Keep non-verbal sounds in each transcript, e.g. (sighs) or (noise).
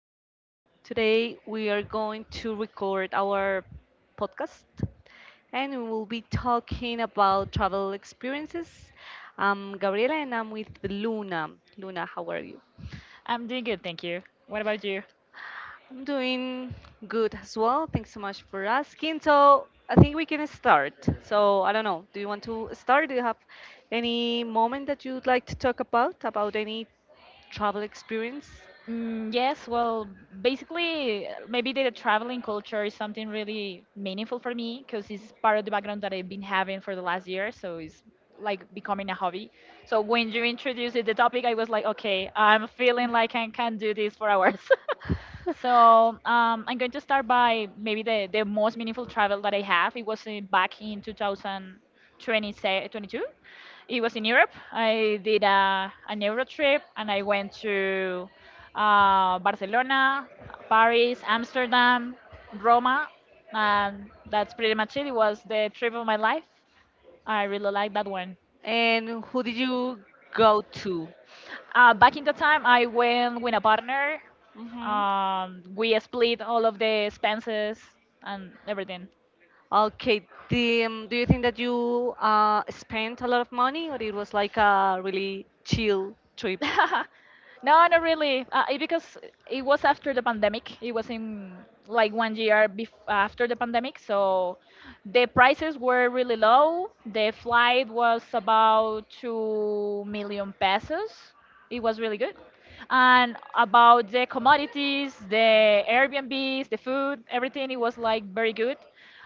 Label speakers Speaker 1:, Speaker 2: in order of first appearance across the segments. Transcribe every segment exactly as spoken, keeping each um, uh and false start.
Speaker 1: afternoon. Today we are going to record our podcast and we will be talking about travel experiences. I'm Gabriela and I'm with Luna. Luna, how are you?
Speaker 2: I'm doing good, thank you. What about you?
Speaker 1: I'm doing good as well. Thanks so much for asking. So I think we can start. So I don't know. Do you want to start? Do you have any moment that you'd like to talk about, about any travel experience?
Speaker 2: Mm, yes, well, basically, uh, maybe the traveling culture is something really meaningful for me because it's part of the background that I've been having for the last year. So it's like becoming a hobby. So when you introduced the topic, I was like, okay, I'm feeling like I can do this for hours. (laughs) So um, I'm going to start by maybe the, the most meaningful travel that I have. It was uh, back in twenty twenty-two. It was in Europe. I did a, an Euro trip and I went to uh, Barcelona, Paris, Amsterdam, Roma, and that's pretty much it. It was the trip of my life. I really like that one.
Speaker 1: And who did you go to?
Speaker 2: Uh, back in the time, I went with a partner.
Speaker 1: Hmm.
Speaker 2: Um, we split all of the expenses and everything.
Speaker 1: Okay, the, um, do you think that you uh, spent a lot of money, or it was like a really chill trip?
Speaker 2: (laughs) No, not really. Uh, it- because it was after the pandemic. It was in like one year bef- after the pandemic, so the prices were really low. The flight was about two million pesos. It was really good. And about the commodities, the Airbnbs, the food, everything, it was like very good.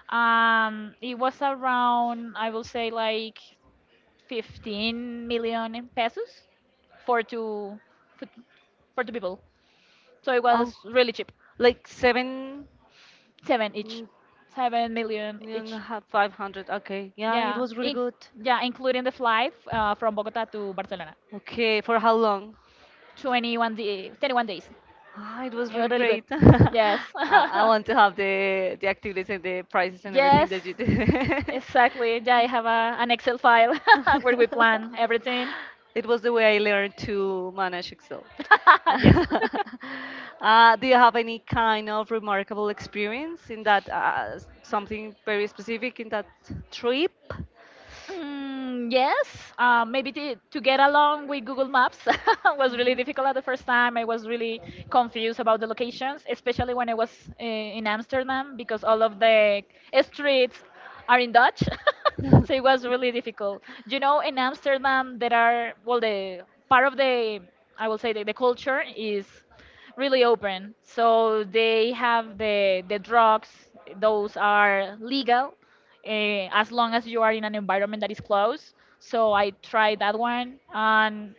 Speaker 2: Um, it was around, I will say, like fifteen million pesos for two for, for two people. So it
Speaker 1: Oh,
Speaker 2: was really cheap.
Speaker 1: like seven,
Speaker 2: Seven each.
Speaker 1: mm,
Speaker 2: Seven million
Speaker 1: and a
Speaker 2: each.
Speaker 1: half, five hundred. Okay, yeah, it
Speaker 2: Yeah.
Speaker 1: was really
Speaker 2: In,
Speaker 1: good.
Speaker 2: yeah, including the flight uh, from Bogota to Barcelona.
Speaker 1: Okay, for how long?
Speaker 2: twenty-one day, twenty-one days.
Speaker 1: Ah, it was
Speaker 2: It was
Speaker 1: really
Speaker 2: really good.
Speaker 1: great. (laughs) I,
Speaker 2: Yes.
Speaker 1: I
Speaker 2: (laughs)
Speaker 1: want to have the the activities and the prices and everything
Speaker 2: Yes.
Speaker 1: that you did. (laughs)
Speaker 2: Exactly. Yeah, I have a, an Excel file (laughs) where we plan
Speaker 1: (laughs)
Speaker 2: everything.
Speaker 1: it was the way I learned to manage Excel. (laughs)
Speaker 2: (laughs) Yes. (laughs)
Speaker 1: Uh, do you have any kind of remarkable experience in that, uh, s- something very specific in that trip?
Speaker 2: Mm, yes, uh, maybe to, to get along with Google Maps (laughs) was really
Speaker 1: Mhm.
Speaker 2: difficult at the first time. I was really confused about the locations, especially when I was uh, in Amsterdam because all of the streets are in Dutch. (laughs) So it was really difficult. You know, in Amsterdam, there are, well, the part of the, I will say, the, the culture is really open. So they have the, the drugs, those are legal uh, as long as you are in an environment that is closed. So I tried that one. And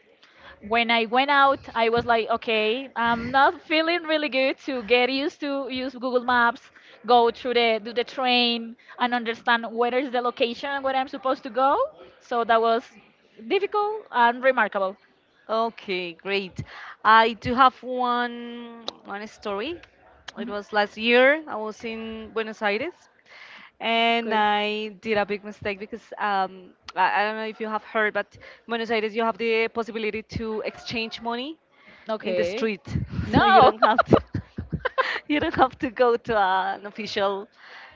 Speaker 2: when I went out, I was like, okay, I'm not feeling really good to get used to use Google Maps, go through the do the train, and understand where is the location and where I'm supposed to go. So that was difficult and remarkable.
Speaker 1: Okay, great. I do have one one story. It
Speaker 2: Mhm.
Speaker 1: was last year. I was in Buenos Aires, and
Speaker 2: Cool.
Speaker 1: I did a big mistake because um, I, I don't know if you have heard, but Buenos Aires you have the possibility to exchange money in the
Speaker 2: Okay.
Speaker 1: street. (laughs) So you
Speaker 2: No.
Speaker 1: don't
Speaker 2: (laughs)
Speaker 1: have to, (laughs) you don't have to go to uh, an official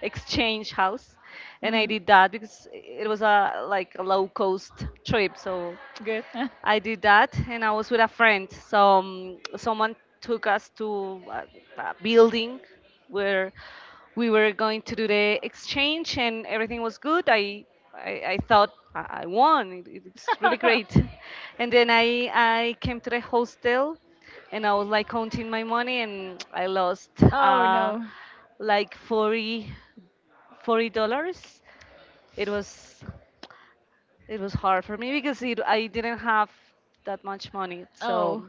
Speaker 1: exchange house. And I did that because it was a like a low cost trip, so
Speaker 2: Good. (laughs)
Speaker 1: I did that, and I was with a friend. So um, someone took us to a, a building where we were going to do the exchange, and everything was good. I I, I thought I I won. It, it- it's really great. (laughs) And then I I came to the hostel, and I was like counting my money, and (tsk) I lost
Speaker 2: Oh
Speaker 1: uh,
Speaker 2: no.
Speaker 1: like forty forty dollars. It was, it was hard for me because it, I didn't have that much money. So,
Speaker 2: Oh.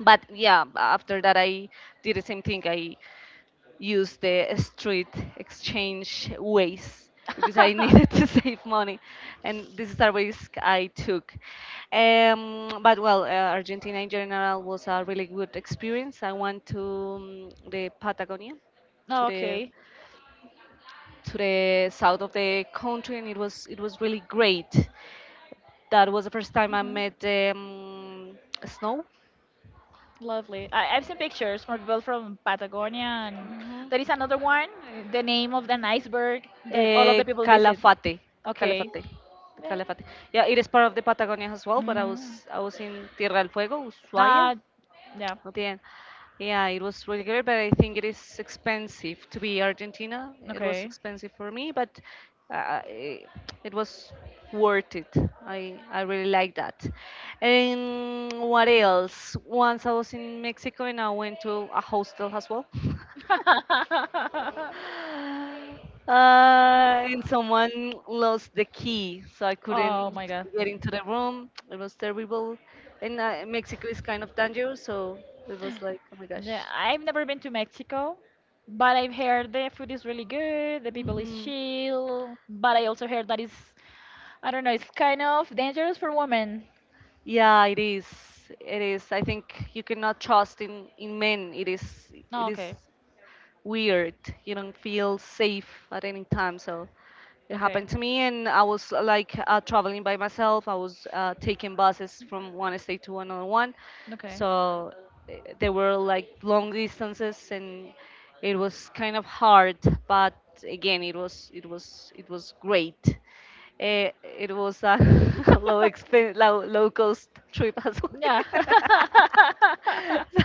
Speaker 1: but yeah, after that I did the same thing. I used the street exchange ways because I needed (laughs)
Speaker 2: (laughs)
Speaker 1: to save money, and this is a risk I took. Um, but well, uh, Argentina in general was a really good experience. I went to um, the Patagonia, to
Speaker 2: Oh,
Speaker 1: the
Speaker 2: okay.
Speaker 1: to the south of the country, and it was, it was really great. That was the first time I
Speaker 2: Mhm.
Speaker 1: met um, snow.
Speaker 2: Lovely. I, I've seen pictures from people from Patagonia, and there is another one. The name of an iceberg that all of
Speaker 1: Uh,
Speaker 2: the people visit.
Speaker 1: Calafate,
Speaker 2: Okay.
Speaker 1: Calafate, the
Speaker 2: Yeah.
Speaker 1: Calafate. Yeah, it is part of the Patagonia as well. But I
Speaker 2: mm,
Speaker 1: was I was in Tierra del Fuego, Ushuaia,
Speaker 2: uh, yeah,
Speaker 1: at the end. Yeah, it was really great, but I think it is expensive to be Argentina. It was
Speaker 2: okay. (laughs)
Speaker 1: expensive for me, but uh, it, it was worth it. I I really like that. And what else? Once I was in Mexico and I went to a hostel as well. (laughs) Uh, and someone lost the key, so I
Speaker 2: Oh
Speaker 1: couldn't
Speaker 2: my god.
Speaker 1: get into the room. It was terrible. And uh, Mexico is kind of dangerous, so it was like, oh my
Speaker 2: Yeah,
Speaker 1: gosh.
Speaker 2: I've never been to Mexico, but I've heard the food is really good, the people is
Speaker 1: Hmm.
Speaker 2: chill, but I also heard that it's, I don't know, it's kind of dangerous for women.
Speaker 1: Yeah, it is. It is. I think you cannot trust in in men. It is.
Speaker 2: Oh,
Speaker 1: It is
Speaker 2: okay.
Speaker 1: weird. You don't feel safe at any time. So it
Speaker 2: Okay.
Speaker 1: happened to me, and I was like uh, traveling by myself. I was uh, taking buses from one state to another one.
Speaker 2: Okay.
Speaker 1: So, eh, they were like long distances, and it was kind of hard. But again, it was it was it was great. Eh, it was a (laughs) low expen low, low cost trip as well.
Speaker 2: Yeah.
Speaker 1: (laughs)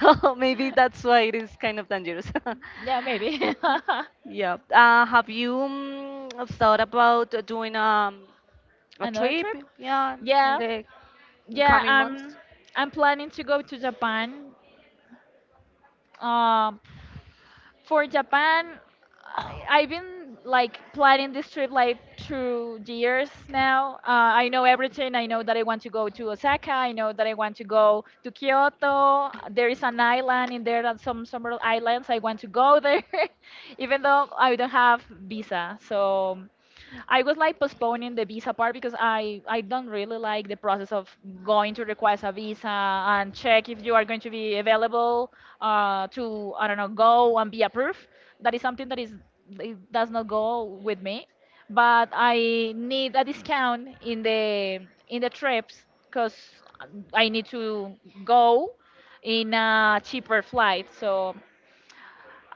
Speaker 1: So maybe that's why it is kind of dangerous. (laughs)
Speaker 2: (laughs) Yeah, maybe. (laughs)
Speaker 1: Yeah. Uh, have you mm, thought about doing um, a
Speaker 2: Another
Speaker 1: trip?
Speaker 2: trip?
Speaker 1: Yeah, in
Speaker 2: Yeah.
Speaker 1: the
Speaker 2: Yeah,
Speaker 1: coming months.
Speaker 2: I'm I'm planning to go to Japan. Um For Japan, I- I've been like planning this trip like two years now. Uh, I know everything. I know that I want to go to Osaka. I know that I want to go to Kyoto. There is an island in there and some summer islands. I want to go there, (laughs) even though I don't have visa. So I was like postponing the visa part because I I don't really like the process of going to request a visa and check if you are going to be available uh, to I don't know go and be approved. That is something that is it does not go with me. But I need a discount in the in the trips because I need to go in a cheaper flight. So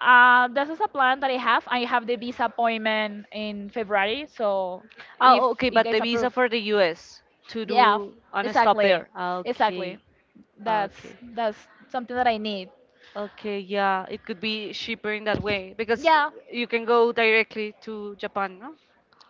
Speaker 2: uh, this is a plan that I have. I have the visa appointment in February, so if
Speaker 1: Oh, okay,
Speaker 2: it
Speaker 1: but the
Speaker 2: gets
Speaker 1: visa
Speaker 2: approved,
Speaker 1: for the U S to
Speaker 2: yeah,
Speaker 1: do and stop
Speaker 2: exactly,
Speaker 1: there.
Speaker 2: exactly.
Speaker 1: Okay,
Speaker 2: That's
Speaker 1: okay.
Speaker 2: that's something that I need.
Speaker 1: Okay, yeah, it could be cheaper in that way because
Speaker 2: Yeah,
Speaker 1: you can go directly to Japan, no?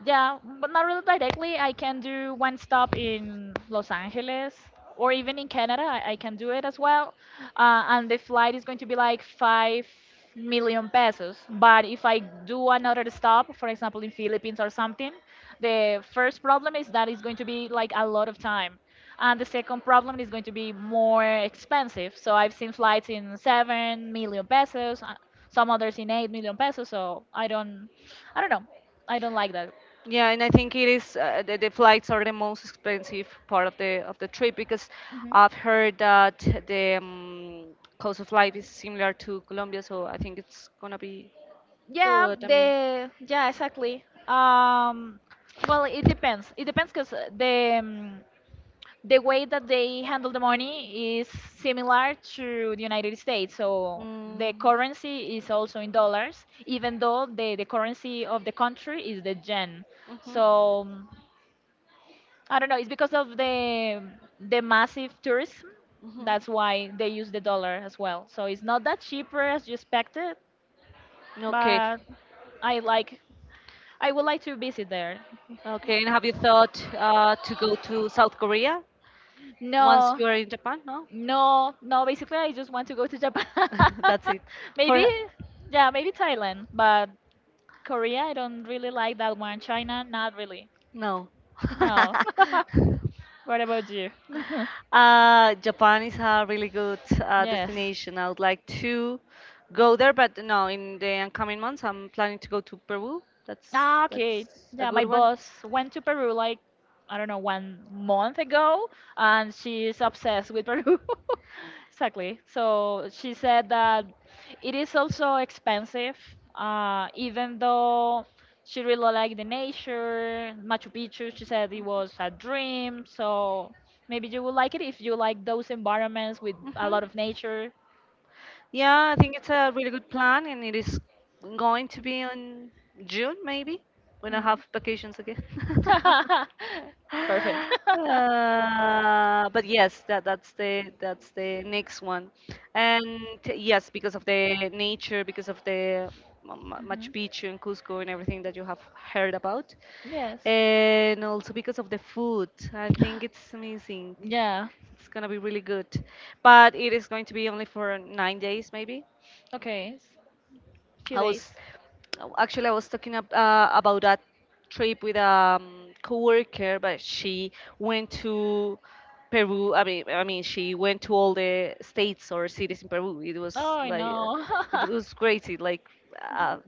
Speaker 2: Yeah, but not really directly. I can do one stop in Los Angeles or even in Canada. I, I can do it as well. Uh, and the flight is going to be like five million pesos. But if I do another stop, for example, in Philippines or something, the first problem is that it's going to be like a lot of time. And the second problem is going to be more expensive. So I've seen flights in seven million pesos, uh, some others in eight million pesos. So I don't, I don't know. I don't like that.
Speaker 1: Yeah, and I think it is uh, the, the flights are the most expensive part of the of the trip because
Speaker 2: hmm
Speaker 1: I've heard that the um, cost of life is similar to Colombia, so I think it's gonna be
Speaker 2: Yeah,
Speaker 1: good. I mean,
Speaker 2: the yeah, exactly. Um, well, it depends. It depends because the um, the way that they handle the money is similar to the United States. So the
Speaker 1: mm,
Speaker 2: currency is also in dollars, even though the the currency of the country is the yen.
Speaker 1: mhm.
Speaker 2: So um, I don't know. It's because of the the massive tourism.
Speaker 1: Mhm.
Speaker 2: That's why they use the dollar as well. So it's not that cheaper as you expected,
Speaker 1: Okay.
Speaker 2: but I like. I would like to visit there.
Speaker 1: Okay. And have you thought uh, to go to South Korea once
Speaker 2: No,
Speaker 1: you are in Japan? No.
Speaker 2: no, no. Basically, I just want to go to Japan.
Speaker 1: (laughs) That's it.
Speaker 2: (laughs) Maybe,
Speaker 1: For
Speaker 2: yeah, maybe Thailand, but Korea, I don't really like that one. China, not really.
Speaker 1: no.
Speaker 2: No.
Speaker 1: (laughs)
Speaker 2: (laughs) What about you? (laughs)
Speaker 1: Uh, Japan is a really good uh,
Speaker 2: Yes.
Speaker 1: destination. I would like to go there, but no, in the coming months, I'm planning to go to Peru. That's
Speaker 2: Ah, okay.
Speaker 1: that's a
Speaker 2: Yeah, my
Speaker 1: good one.
Speaker 2: boss went to Peru like I don't know one month ago, and she's obsessed with Peru. (laughs) Exactly. So she said that it is also expensive, uh, even though she really liked the nature, Machu Picchu. She said it was a dream. So maybe you will like it if you like those environments with a
Speaker 1: Mhm.
Speaker 2: lot of nature.
Speaker 1: Yeah, I think it's a really good plan, and it is going to be on June, maybe, when I
Speaker 2: Hmm.
Speaker 1: have vacations again. (laughs)
Speaker 2: (laughs) Perfect.
Speaker 1: Uh, but yes, that that's the that's the next
Speaker 2: (laughs)
Speaker 1: one, and yes, because of the nature, because of the Ma- Ma- Machu
Speaker 2: hmm
Speaker 1: Picchu and Cusco and everything that you have heard about,
Speaker 2: Yes.
Speaker 1: and also because of the food. I think it's amazing.
Speaker 2: Yeah.
Speaker 1: It's gonna be really good, but it is going to be only for nine days, maybe.
Speaker 2: Okay. s- Few
Speaker 1: I
Speaker 2: days.
Speaker 1: was actually I was talking ab- uh, about that trip with a um, coworker, but she went to Peru. I mean, I mean, she went to all the states or cities in Peru. It was
Speaker 2: Oh, I
Speaker 1: like, uh,
Speaker 2: know.
Speaker 1: it
Speaker 2: (laughs)
Speaker 1: was crazy. Like, uh,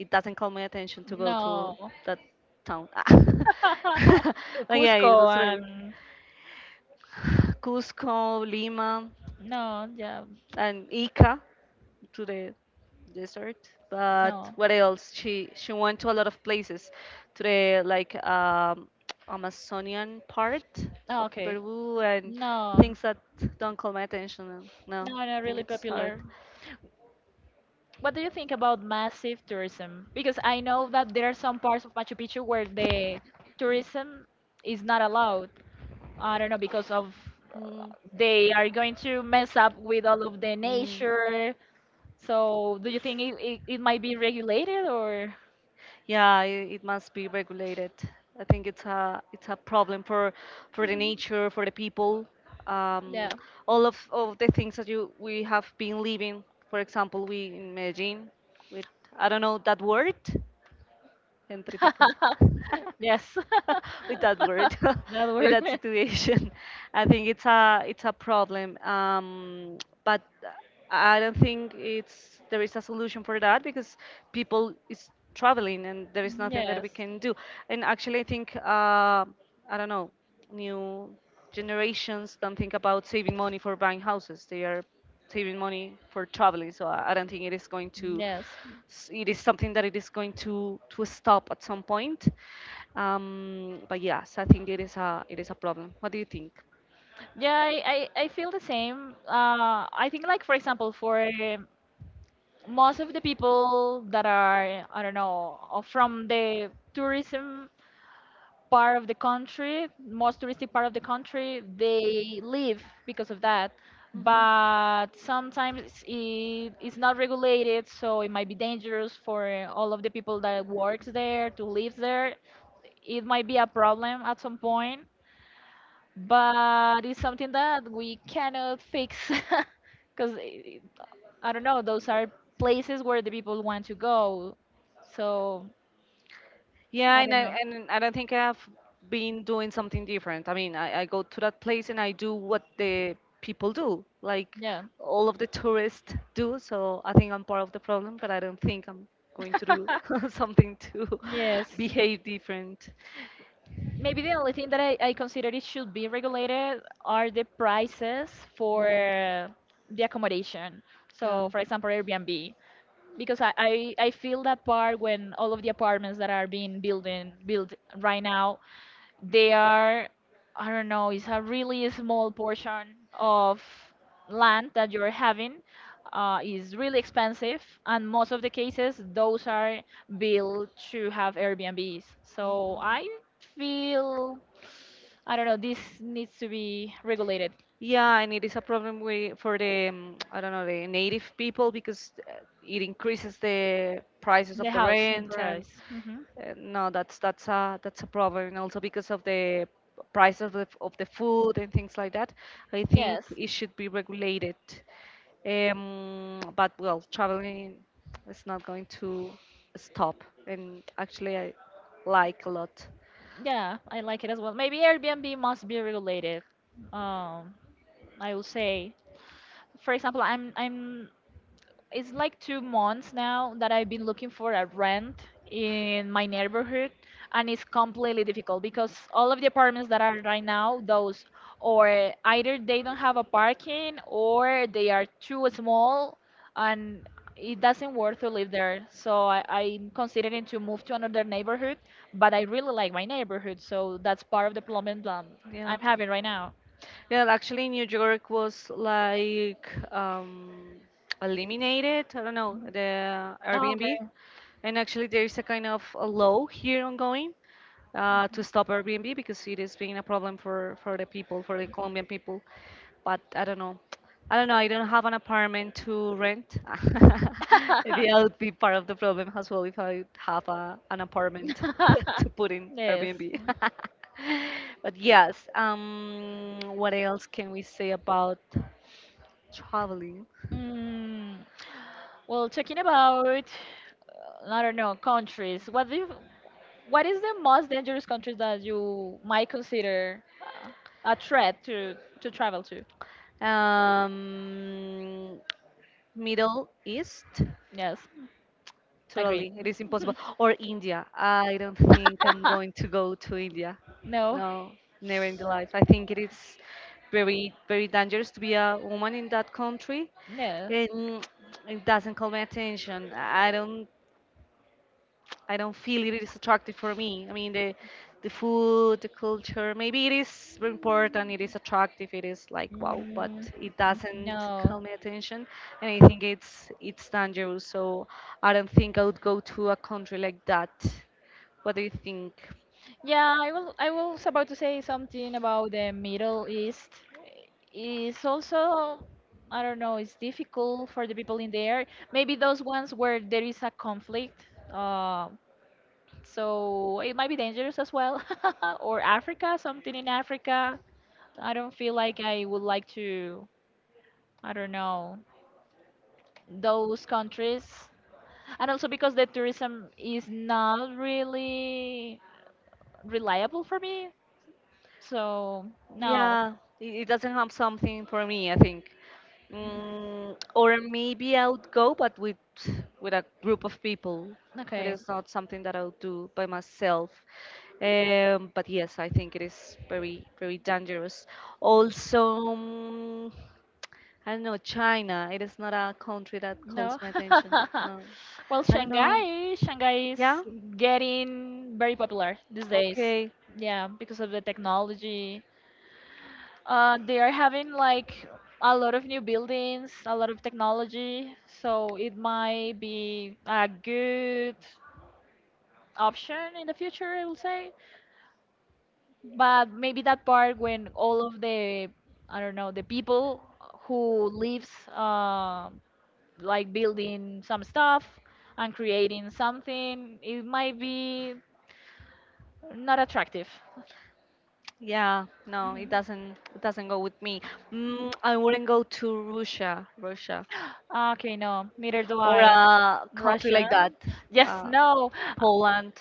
Speaker 1: it doesn't call my attention to go
Speaker 2: No.
Speaker 1: to that town. (laughs)
Speaker 2: (laughs) To
Speaker 1: but yeah, it
Speaker 2: Cusco
Speaker 1: was like
Speaker 2: and
Speaker 1: (sighs) Cusco, Lima
Speaker 2: no, yeah,
Speaker 1: and Ica, to the desert. But
Speaker 2: no.
Speaker 1: what else? She she went to a lot of places, to the like um, Amazonian part
Speaker 2: Oh,
Speaker 1: of
Speaker 2: okay.
Speaker 1: Peru and
Speaker 2: No,
Speaker 1: things that don't call my attention. uh, No,
Speaker 2: no,
Speaker 1: I
Speaker 2: not
Speaker 1: think
Speaker 2: really
Speaker 1: it's hard.
Speaker 2: popular. What do you think about massive tourism? Because I know that there are some parts of Machu Picchu where the tourism is not allowed. I don't know because of uh,
Speaker 1: Mm,
Speaker 2: they are going to mess up with all of the
Speaker 1: mm.
Speaker 2: nature. So do you think it, it, it might be regulated or
Speaker 1: Yeah, it, it must be regulated. I think it's a, it's a problem for for the nature, for the people, um,
Speaker 2: yeah.
Speaker 1: all of, all of the things that you we have been living. For example, we in Medellin with, I don't know that word,
Speaker 2: (laughs)
Speaker 1: gentrification. (laughs)
Speaker 2: Yes.
Speaker 1: (laughs) with that word, (laughs)
Speaker 2: (laughs) That
Speaker 1: with
Speaker 2: word.
Speaker 1: that
Speaker 2: (laughs)
Speaker 1: situation. (laughs) I think it's a, it's a problem. Um, but I don't think it's, there is a solution for that because people is traveling and there is nothing that
Speaker 2: Yes.
Speaker 1: we can do. And actually, I think, uh, I don't know new generations don't think about saving money for buying houses. They are saving money for traveling. So I, I don't think it is going to.
Speaker 2: Yes.
Speaker 1: s- It is something that it is going to to stop at some point. Um, but yes, I think it is a, it is a problem. What do you think?
Speaker 2: Yeah, I, I, I feel the same. Uh, I think like for example, for um, most of the people that are I don't know uh, from the tourism part of the country, most touristic part of the country, they leave because of that. But sometimes it, it's not regulated, so it might be dangerous for uh, all of the people that works there to live there. It might be a problem at some point, but it's something that we cannot fix (laughs) because I don't know. Those are places where the people want to go, so
Speaker 1: Yeah,
Speaker 2: I
Speaker 1: and
Speaker 2: don't
Speaker 1: I,
Speaker 2: know.
Speaker 1: and I don't think I've been doing something different. I mean, I, I go to that place and I do what the people do, like
Speaker 2: Yeah.
Speaker 1: all of the tourists do. So I think I'm part of the problem, but I don't think I'm going to do (laughs)
Speaker 2: (laughs)
Speaker 1: something to
Speaker 2: Yes.
Speaker 1: (laughs) behave different.
Speaker 2: Maybe the only thing that I, I consider it should be regulated are the prices for the accommodation. So, for example, Airbnb, because I, I, I feel that part when all of the apartments that are being building built right now they are, I don't know, it's a really small portion of land that you're having uh, is really expensive, and most of the cases those are built to have airbnbs, so I feel, I don't know, this needs to be regulated.
Speaker 1: Yeah, and it is a problem with, for the, um, I don't know, the native people because uh, it increases the prices
Speaker 2: The
Speaker 1: of the
Speaker 2: house in
Speaker 1: rent and
Speaker 2: price. Hmm
Speaker 1: uh, no, that's that's a, that's a problem, and also because of the price of the of the food and things like that. I think
Speaker 2: yes.
Speaker 1: it should be regulated. Um, but well, traveling is not going to stop, and actually I like a lot.
Speaker 2: Yeah, I like it as well. Maybe Airbnb must be regulated. Um, I will say, for example, I'm I'm it's like two months now that I've been looking for a rent in my neighborhood, and it's completely difficult because all of the apartments that are right now, those or either they don't have a parking or they are too small, and it doesn't worth to live there. So I, I'm considering to move to another neighborhood, but I really like my neighborhood, so that's part of the problem that I'm
Speaker 1: Yeah.
Speaker 2: having right now.
Speaker 1: Yeah, actually, New York was like, um, eliminated. I don't know, the
Speaker 2: Oh, okay.
Speaker 1: Airbnb, and actually there is a kind of a law here ongoing uh, to stop Airbnb because it is being a problem for, for the people, for the Colombian people. But I don't know. I don't know. I don't have an apartment to rent. (laughs) Maybe I'll be part of the problem as well if I have a, an apartment (laughs)
Speaker 2: (laughs)
Speaker 1: to put
Speaker 2: (laughs)
Speaker 1: in
Speaker 2: Yes.
Speaker 1: Airbnb. (laughs) But yes, um, what else can we say about traveling?
Speaker 2: Mm, well, talking about, uh, I don't know, countries. What do you, what is the most dangerous country that you might consider uh, a threat to to travel to?
Speaker 1: Um, Middle East.
Speaker 2: Yes, agree.
Speaker 1: Totally, it is impossible. Or India. I don't think I'm going to
Speaker 2: (laughs)
Speaker 1: go to India.
Speaker 2: No,
Speaker 1: No, never in the life. I think it is very, very dangerous to be a woman in that country.
Speaker 2: no,
Speaker 1: And it doesn't call my attention. I don't I don't feel it is attractive for me. I mean, the the food, the culture, maybe it is very important, it is attractive, it is like wow, but
Speaker 2: mm,
Speaker 1: it
Speaker 2: mm,
Speaker 1: doesn't
Speaker 2: no.
Speaker 1: call my attention, and I think it's it's dangerous. So I don't think I would go to a country like that. What do you think?
Speaker 2: Yeah, I will. I was about to say something about the Middle East. It's also, I don't know, it's difficult for the people in there. Maybe those ones where there is a conflict, uh, so it might be dangerous as well. (laughs) Or Africa, something in Africa. I don't feel like I would like to. I don't know those countries, and also because the tourism is not really reliable for me. So no,
Speaker 1: Yeah, it it doesn't have something for me, I think. Mm, or maybe I would go, but with with a group of people. It
Speaker 2: okay.
Speaker 1: is not something that I would do by myself. Um, but yes, I think it is very, very dangerous. Also, mm, I don't know, China. It is not a country that calls
Speaker 2: No.
Speaker 1: my attention.
Speaker 2: (laughs)
Speaker 1: No,
Speaker 2: Well,
Speaker 1: I don't know.
Speaker 2: Shanghai, Shanghai is
Speaker 1: Yeah?
Speaker 2: getting very popular these days.
Speaker 1: Okay.
Speaker 2: Yeah, because of the technology. Uh, they are having like a lot of new buildings, a lot of technology, so it might be a good option in the future, I will say. But maybe that part when all of the, I don't know, the people who lives uh, like building some stuff and creating something, it might be not attractive.
Speaker 1: Yeah, no, it
Speaker 2: Mhm.
Speaker 1: doesn't it doesn't go with me. Mm, I wouldn't go to Russia, Russia,
Speaker 2: Okay, no, neither do
Speaker 1: or
Speaker 2: I.
Speaker 1: a country
Speaker 2: Russia.
Speaker 1: like that,
Speaker 2: Yes,
Speaker 1: uh,
Speaker 2: no,
Speaker 1: Poland.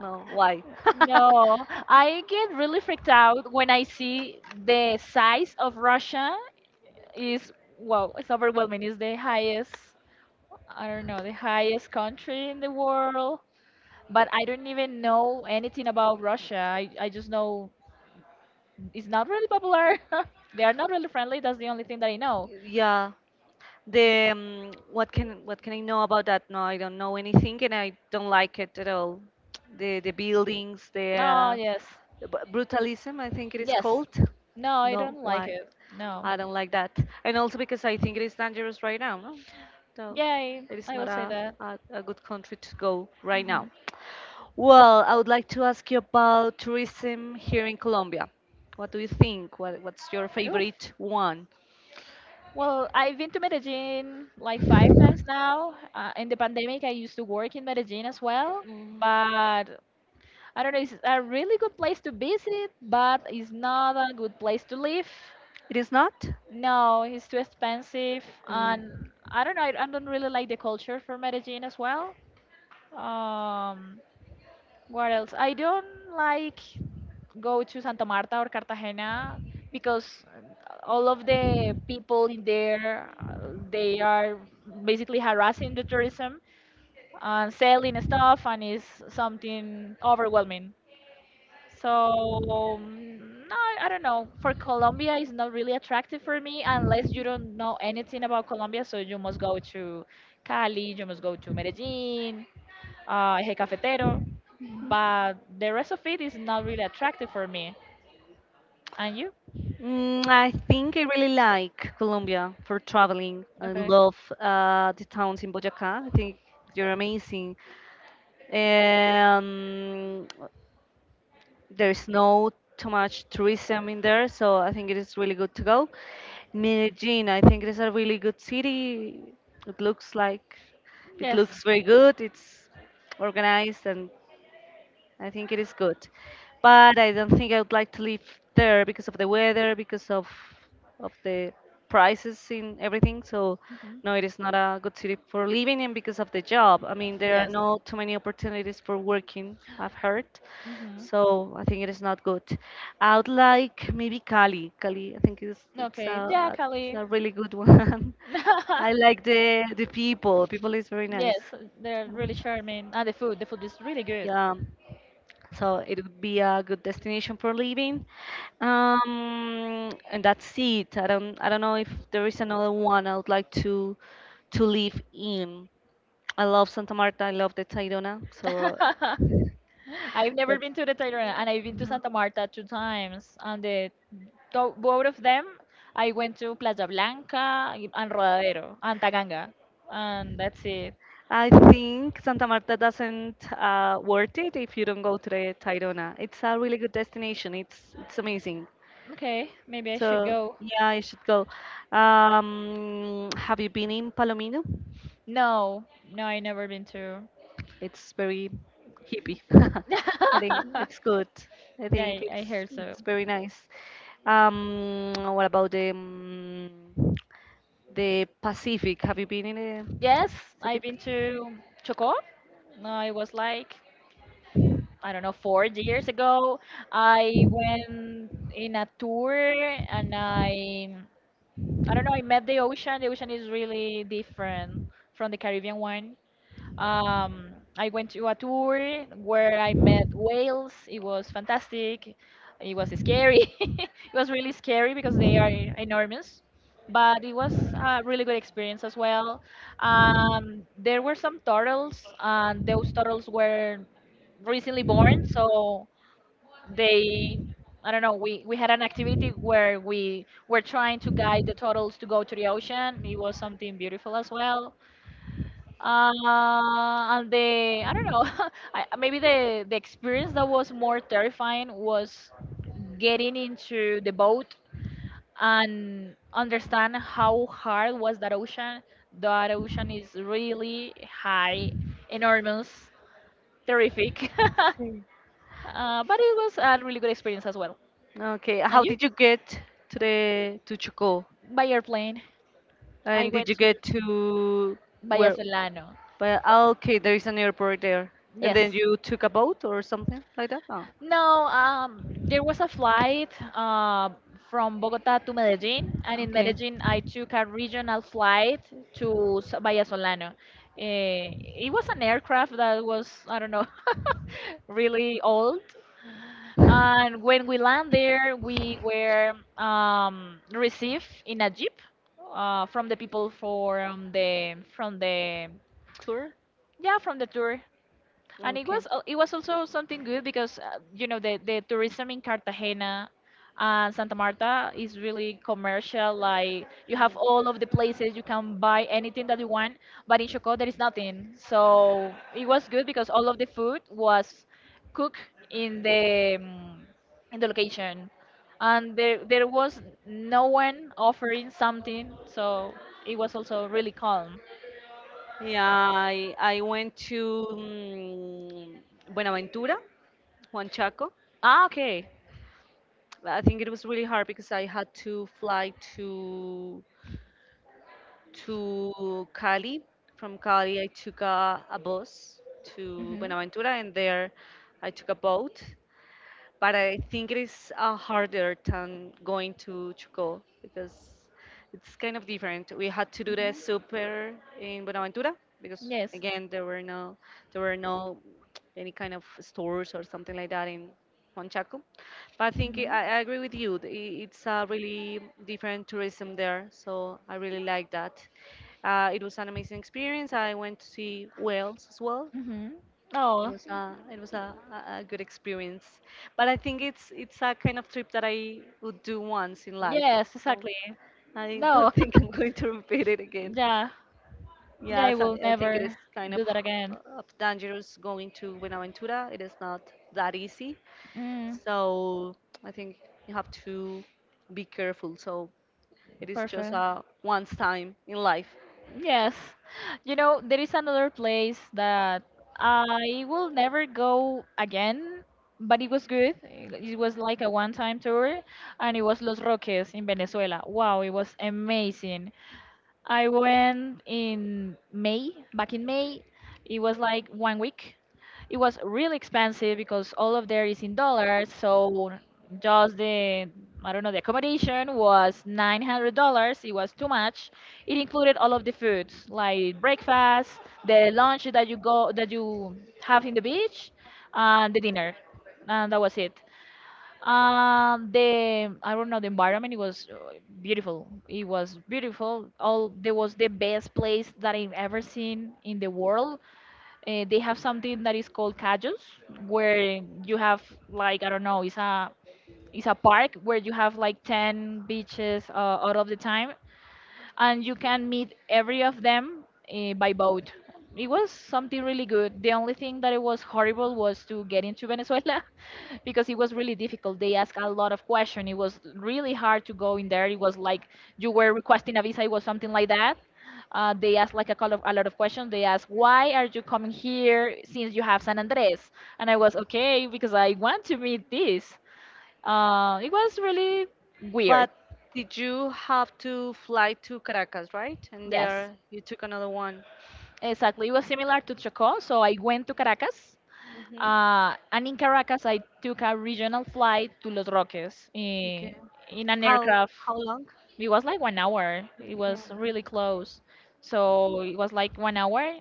Speaker 1: No, why? (laughs)
Speaker 2: no. I get really freaked out when I see the size of Russia is, wow, it's overwhelming. It's the highest, I don't know, the highest country in the world. But I don't even know anything about Russia. I, I just know it's not really popular. (laughs) They are not really friendly. That's the only thing that I know.
Speaker 1: Yeah, the um, what can what can I know about that? No, I don't know anything, and I don't like it at all. The the buildings, the,
Speaker 2: Oh,
Speaker 1: uh,
Speaker 2: yes.
Speaker 1: the bu- brutalism, I think it is
Speaker 2: Yes.
Speaker 1: called.
Speaker 2: No, I
Speaker 1: No,
Speaker 2: don't like
Speaker 1: why?
Speaker 2: it. No.
Speaker 1: I don't like that, and also because I think it is dangerous right now. No, so
Speaker 2: Yeah, I,
Speaker 1: it is
Speaker 2: I will
Speaker 1: not
Speaker 2: say
Speaker 1: a,
Speaker 2: that.
Speaker 1: a a good country to go right
Speaker 2: Mhm.
Speaker 1: now. Well, I would like to ask you about tourism here in Colombia. What do you think? What what's your
Speaker 2: Oof.
Speaker 1: favorite one?
Speaker 2: Well, I've been to Medellin like five times now. Uh, in the pandemic, I used to work in Medellin as well.
Speaker 1: Mm.
Speaker 2: But I don't know, it's a really good place to visit, but it's not a good place to live.
Speaker 1: It is not?
Speaker 2: No, it's too expensive.
Speaker 1: Mm.
Speaker 2: And I don't know, I, I don't really like the culture for Medellin as well. Um, what else? I don't like go to Santa Marta or Cartagena because all of the people in there uh, they are basically harassing the tourism and selling stuff, and it's something overwhelming. So um, no, I don't know. For Colombia, it's not really attractive for me unless you don't know anything about Colombia. So you must go to Cali, you must go to Medellin, uh, Eje Cafetero, but the rest of it is not really attractive for me. And you?
Speaker 1: Mm, I think I really like Colombia for traveling. I
Speaker 2: Okay.
Speaker 1: love uh, the towns in Boyacá. I think they're amazing. Um, there's no too much tourism in there, so I think it is really good to go. Medellin, I think it is a really good city. It looks like it
Speaker 2: Yes.
Speaker 1: looks very good. It's organized, and I think it is good, but I don't think I would like to live there because of the weather, because of of the prices in everything. So
Speaker 2: Hmm.
Speaker 1: no, it is not a good city for living in because of the job. I mean, there are
Speaker 2: Yes.
Speaker 1: not too many opportunities for working, I've heard.
Speaker 2: Hmm.
Speaker 1: So I think it is not good. I would like maybe Cali. Cali, I think it's it's a
Speaker 2: Okay. Yeah,
Speaker 1: a- it's
Speaker 2: Cali.
Speaker 1: a really good one. (laughs) I like
Speaker 2: (laughs)
Speaker 1: the the people. People is very
Speaker 2: Yes,
Speaker 1: nice.
Speaker 2: they're
Speaker 1: So,
Speaker 2: really charming. And the food, the food is really good.
Speaker 1: yeah. So it would be a good destination for living. Um, and that's it. I don't I don't know if there is another one I would like to to live in. I love Santa Marta. I love the Tayrona. So
Speaker 2: (laughs) I've never
Speaker 1: that's
Speaker 2: been to the Thailand, and I've been to Santa Marta two times. And the, tho- both of them, I went to Playa Blanca and Rodadero and Taganga, and that's it.
Speaker 1: I think Santa Marta doesn't uh, worth it if you don't go to the Tayrona. It's a really good destination. It's it's amazing.
Speaker 2: Okay, maybe I should
Speaker 1: So
Speaker 2: go.
Speaker 1: yeah, you should go. Um, have you been in Palomino?
Speaker 2: No, no, I never been to.
Speaker 1: It's very hippie. (laughs) I think it's
Speaker 2: (laughs)
Speaker 1: good. I
Speaker 2: Yeah,
Speaker 1: think
Speaker 2: I,
Speaker 1: it's
Speaker 2: I heard so.
Speaker 1: it's very nice. Um, what about the um, the Pacific? Have you been in the
Speaker 2: Yes, I've
Speaker 1: Pacific?
Speaker 2: been to Chocó. No, it was like I don't know, four years ago. I went in a tour, and I I don't know. I met the ocean. The ocean is really different from the Caribbean one. Um, I went to a tour where I met whales. It was fantastic. It was scary. (laughs) It was really scary because they are enormous, but it was a really good experience as well. Um, there were some turtles, and those turtles were recently born, so they I don't know, we, we had an activity where we were trying to guide the turtles to go to the ocean. It was something beautiful as well. Uh, and the I don't know, (laughs) I, maybe the the experience that was more terrifying was getting into the boat and understand how hard was that ocean. That ocean is really high, enormous, terrific. (laughs)
Speaker 1: Sí.
Speaker 2: Uh, but it was a really good experience as well.
Speaker 1: Okay,
Speaker 2: And
Speaker 1: how
Speaker 2: you?
Speaker 1: did you get to the to Chocó?
Speaker 2: By airplane. I
Speaker 1: And did
Speaker 2: went
Speaker 1: you
Speaker 2: to
Speaker 1: get to where?
Speaker 2: Vallasolano.
Speaker 1: But ah, okay, there is an airport there. And then
Speaker 2: Yes.
Speaker 1: you took a boat or something like that? No.
Speaker 2: No, um, there was a flight uh, from Bogota to Medellin, and in
Speaker 1: Okay.
Speaker 2: Medellin, I took a regional flight to S- Bahia Solano. Eh, it was an aircraft that was, I don't know, (laughs) really old. And when we land there, we were um, received in a jeep uh, from the people from the from the
Speaker 1: Tour?
Speaker 2: yeah, from the tour. And it
Speaker 1: Okay. Mm.
Speaker 2: was al- it was also something good because uh, you know the the tourism in Cartagena and Santa Marta is really commercial. Like, you have all of the places, you can buy anything that you want, but in Chocó there is nothing. So it was good because all of the food was cooked in the mm, in the location, and there there was no one offering something. So it was also really calm.
Speaker 1: Yeah, I, I went to mm, Buenaventura, Juan Chaco.
Speaker 2: Ah, okay.
Speaker 1: I think it was really hard because I had to fly to to Cali. From Cali, I took a, a bus to
Speaker 2: Mhm.
Speaker 1: Buenaventura, and there I took a boat. But I think it is uh, harder than going to Choco because it's kind of different. We had to do the
Speaker 2: Mhm.
Speaker 1: super in Buenaventura because
Speaker 2: Yes.
Speaker 1: again there were no there were no any kind of stores or something like that in Huanchaco. But I think I,
Speaker 2: Mhm.
Speaker 1: I agree with you. th- i- It's a really different tourism there, so I really like that. Uh, it was an amazing experience. I went to see whales as well.
Speaker 2: Mm-hmm.
Speaker 1: it
Speaker 2: Oh,
Speaker 1: was a it was a, a a good experience, but I think it's it's a kind of trip that I would do once in life.
Speaker 2: yes,
Speaker 1: So
Speaker 2: exactly.
Speaker 1: I
Speaker 2: No,
Speaker 1: don't (laughs) think I'm going to repeat it again.
Speaker 2: (laughs) yeah, yeah,
Speaker 1: Yeah,
Speaker 2: I
Speaker 1: so
Speaker 2: will
Speaker 1: I think
Speaker 2: never
Speaker 1: it is kind of
Speaker 2: do that again.
Speaker 1: h- of dangerous going to Buenaventura. It is not that easy,
Speaker 2: Mm,
Speaker 1: so I think you have to be careful. So it is just
Speaker 2: perfect.
Speaker 1: a once time in life.
Speaker 2: Yes. You know, there is another place that I will never go again, but it was good. It was like a one-time tour, and it was Los Roques in Venezuela. Wow, it was amazing. I went in May, back in May. It was like one week. It was really expensive because all of there is in dollars. So just the, I don't know, the accommodation was
Speaker 1: The environment.
Speaker 2: nine hundred dollars. It was too much. It
Speaker 1: Beautiful.
Speaker 2: included all of the
Speaker 1: It
Speaker 2: foods, like breakfast, the lunch that you go that you have in the beach, and the dinner. And that was it. Um, the I don't know, the environment. It was uh,
Speaker 1: was.
Speaker 2: beautiful. It was beautiful.
Speaker 1: It
Speaker 2: All there was
Speaker 1: was
Speaker 2: the
Speaker 1: beautiful.
Speaker 2: best place that I've ever seen in the
Speaker 1: The
Speaker 2: world.
Speaker 1: world. And
Speaker 2: Uh, they
Speaker 1: we
Speaker 2: have
Speaker 1: have some
Speaker 2: something that is
Speaker 1: places.
Speaker 2: called cajos, where you have like I don't know, it's a it's a park where you have like ten beaches uh, out of the time, and you can meet every of them uh, by boat. It was something really good. The only thing that it was horrible was to get into Venezuela (laughs) because it was really difficult. They asked a lot of questions. It was really hard to go in there. It was like you were requesting a visa. It was something like that. Uh, they asked like a, couple of, a lot of questions. They asked, "Why are you coming here since you have San Andres?" And I was okay because I want to meet this. Uh, it was really weird.
Speaker 1: But did you have to fly to Caracas, right? And
Speaker 2: Yes.
Speaker 1: there you took another one.
Speaker 2: Exactly. It was similar to Chocó. So I went to Caracas.
Speaker 1: Hmm.
Speaker 2: Uh, and in Caracas, I took a regional flight to Los Roques
Speaker 1: Okay.
Speaker 2: in, in an
Speaker 1: How
Speaker 2: aircraft.
Speaker 1: how long?
Speaker 2: It was like one hour. It
Speaker 1: Okay.
Speaker 2: was really close. So it was like one hour.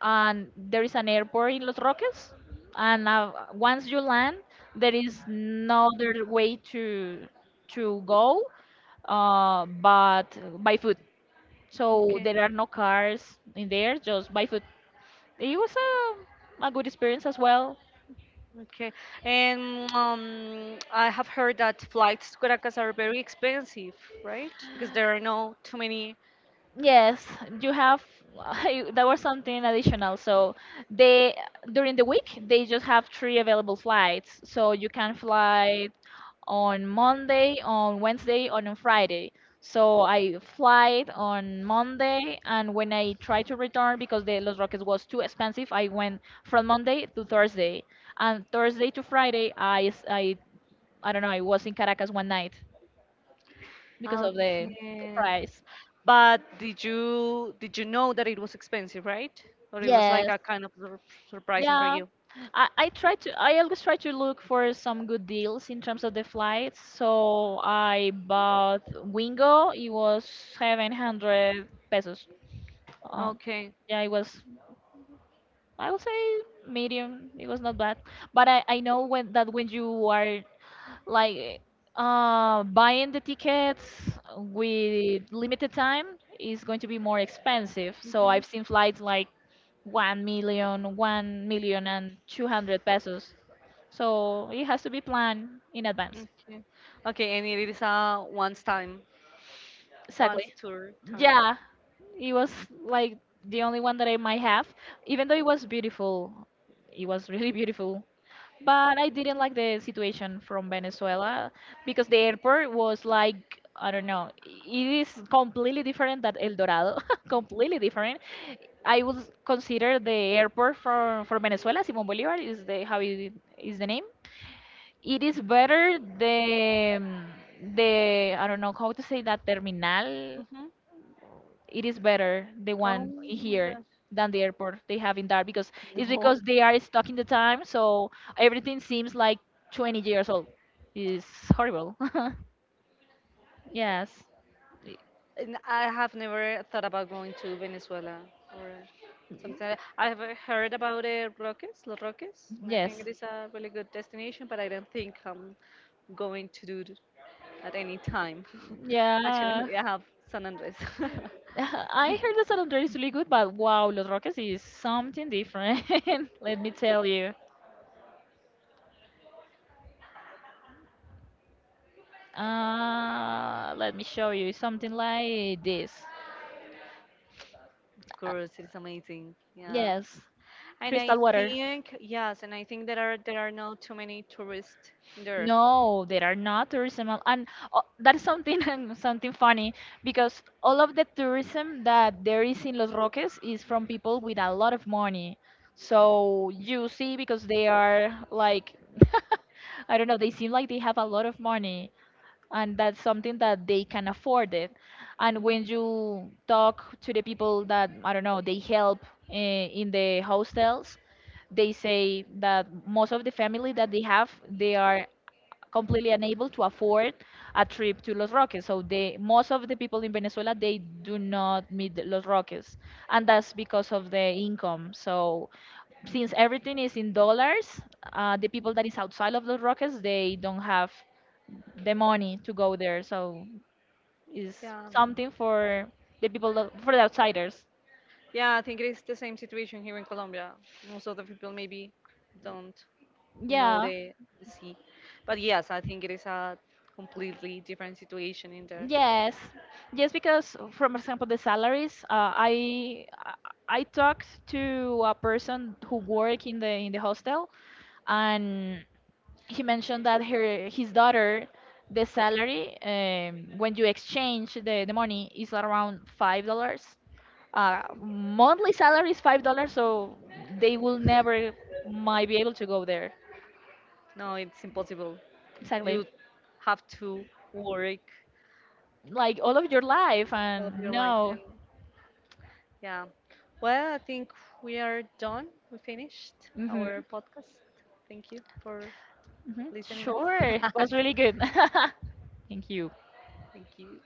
Speaker 2: And there is an airport in Los Roques. And uh, once you land, there is no other way to to go uh, but by foot. So
Speaker 1: Okay.
Speaker 2: there are no cars in there, just by foot. It was a, a good experience as well.
Speaker 1: Okay, and um, I have heard that flights to Caracas are very expensive, right? Because there are no too many.
Speaker 2: Yes, you have (laughs) that was something additional. So they during the week they just have three available flights. So you can fly on Monday, on Wednesday, and on Friday. So I flight on Monday, and when I tried to return because the Los Roques was too expensive, I went from Monday to Thursday, and Thursday to Friday I s- I I don't know, I was in Caracas one night because of the
Speaker 1: Okay,
Speaker 2: price.
Speaker 1: but did you did you know that it was expensive, right? Or it was like
Speaker 2: Yes.
Speaker 1: a kind of sur- surprising for
Speaker 2: Yeah,
Speaker 1: you?
Speaker 2: I, I try to I always try to look for some good deals in terms of the flights. So I bought Wingo. It was seven hundred pesos. Um,
Speaker 1: Okay.
Speaker 2: yeah, it was, I would say, medium. It was not bad. But I, I know when that when you are like uh buying the tickets with limited time is going to be more expensive. So
Speaker 1: Hmm.
Speaker 2: I've seen flights like one million, one million and two hundred pesos. So it has to be planned in advance.
Speaker 1: Okay. Okay, and it is a once time, once
Speaker 2: Exactly.
Speaker 1: tour time.
Speaker 2: Yeah, it was like the only one that I might have, even though it was beautiful. It was really beautiful. But I didn't like the situation from Venezuela because the airport was like I don't know. It is completely different than El Dorado, (laughs) completely different. I would consider the airport for for Venezuela, Simón Bolívar is the how it is the name. It is better the the I don't know how to say that, terminal,
Speaker 1: Hmm.
Speaker 2: it is better the
Speaker 1: Oh
Speaker 2: one in
Speaker 1: my
Speaker 2: here
Speaker 1: gosh.
Speaker 2: than the airport they have in there because it's
Speaker 1: No,
Speaker 2: because they are stuck in the time, so everything seems like twenty years old. It's horrible. (laughs) Yes. Y-
Speaker 1: and I have never thought about going to Venezuela or something like that. I have uh, heard about the Roques, Los Roques, and I think
Speaker 2: yes.
Speaker 1: it is a really good destination, but I don't think I'm going to do it at any time. (laughs)
Speaker 2: Yeah.
Speaker 1: Actually, I have San Andres. (laughs)
Speaker 2: (laughs) I heard that San Andres is really good, but wow, Los Roques is something different. (laughs) Let me tell you. Uh let me show you. It's something like this.
Speaker 1: Of
Speaker 2: Uh,
Speaker 1: course, it's amazing. Yeah.
Speaker 2: yes.
Speaker 1: And I
Speaker 2: Crystal water.
Speaker 1: think yes, and I think there are there are not too many tourists there.
Speaker 2: No, there are not tourism, al- and uh, that is something, (laughs) something funny, because all of the tourism that there is in Los Roques is from people with a lot of money. So you see, because they are like, (laughs) I don't know, they seem like they have a lot of money, and that's something that they can afford it. And when you talk to the people that I don't know, they help uh, in the hostels, they say that most of the family that they have, they are completely unable to afford a trip to Los Roques. So they, most of the people in Venezuela, they do not meet the Los Roques, and that's because of the income. So since everything is in dollars, uh, the people that is outside of Los Roques, they don't have the money to go there. So it's
Speaker 1: Yeah.
Speaker 2: something for the people, that- for the outsiders.
Speaker 1: Yeah, I think it is the same situation here in Colombia. Most of the people maybe don't know
Speaker 2: Yeah.
Speaker 1: the, the sea. But yes, I think it is a completely different situation in there.
Speaker 2: Yes, yes, because for example, the salaries. Uh, I I I talked to a person who work in the in the hostel, and he mentioned that her his daughter, the salary, um, when you exchange the the money, is around five dollars. Uh, monthly salary is five dollars, so they will never might be able to go there.
Speaker 1: No, it's impossible. You
Speaker 2: Exactly,
Speaker 1: have to work
Speaker 2: like all of your life,
Speaker 1: all of your
Speaker 2: and
Speaker 1: life, and
Speaker 2: no.
Speaker 1: yeah. Well, I think we are done. We finished
Speaker 2: Mm-hmm.
Speaker 1: our podcast. Thank you for
Speaker 2: Mhm.
Speaker 1: listening
Speaker 2: Sure.
Speaker 1: us.
Speaker 2: It
Speaker 1: (laughs)
Speaker 2: was really good. (laughs) Thank you.
Speaker 1: Thank you.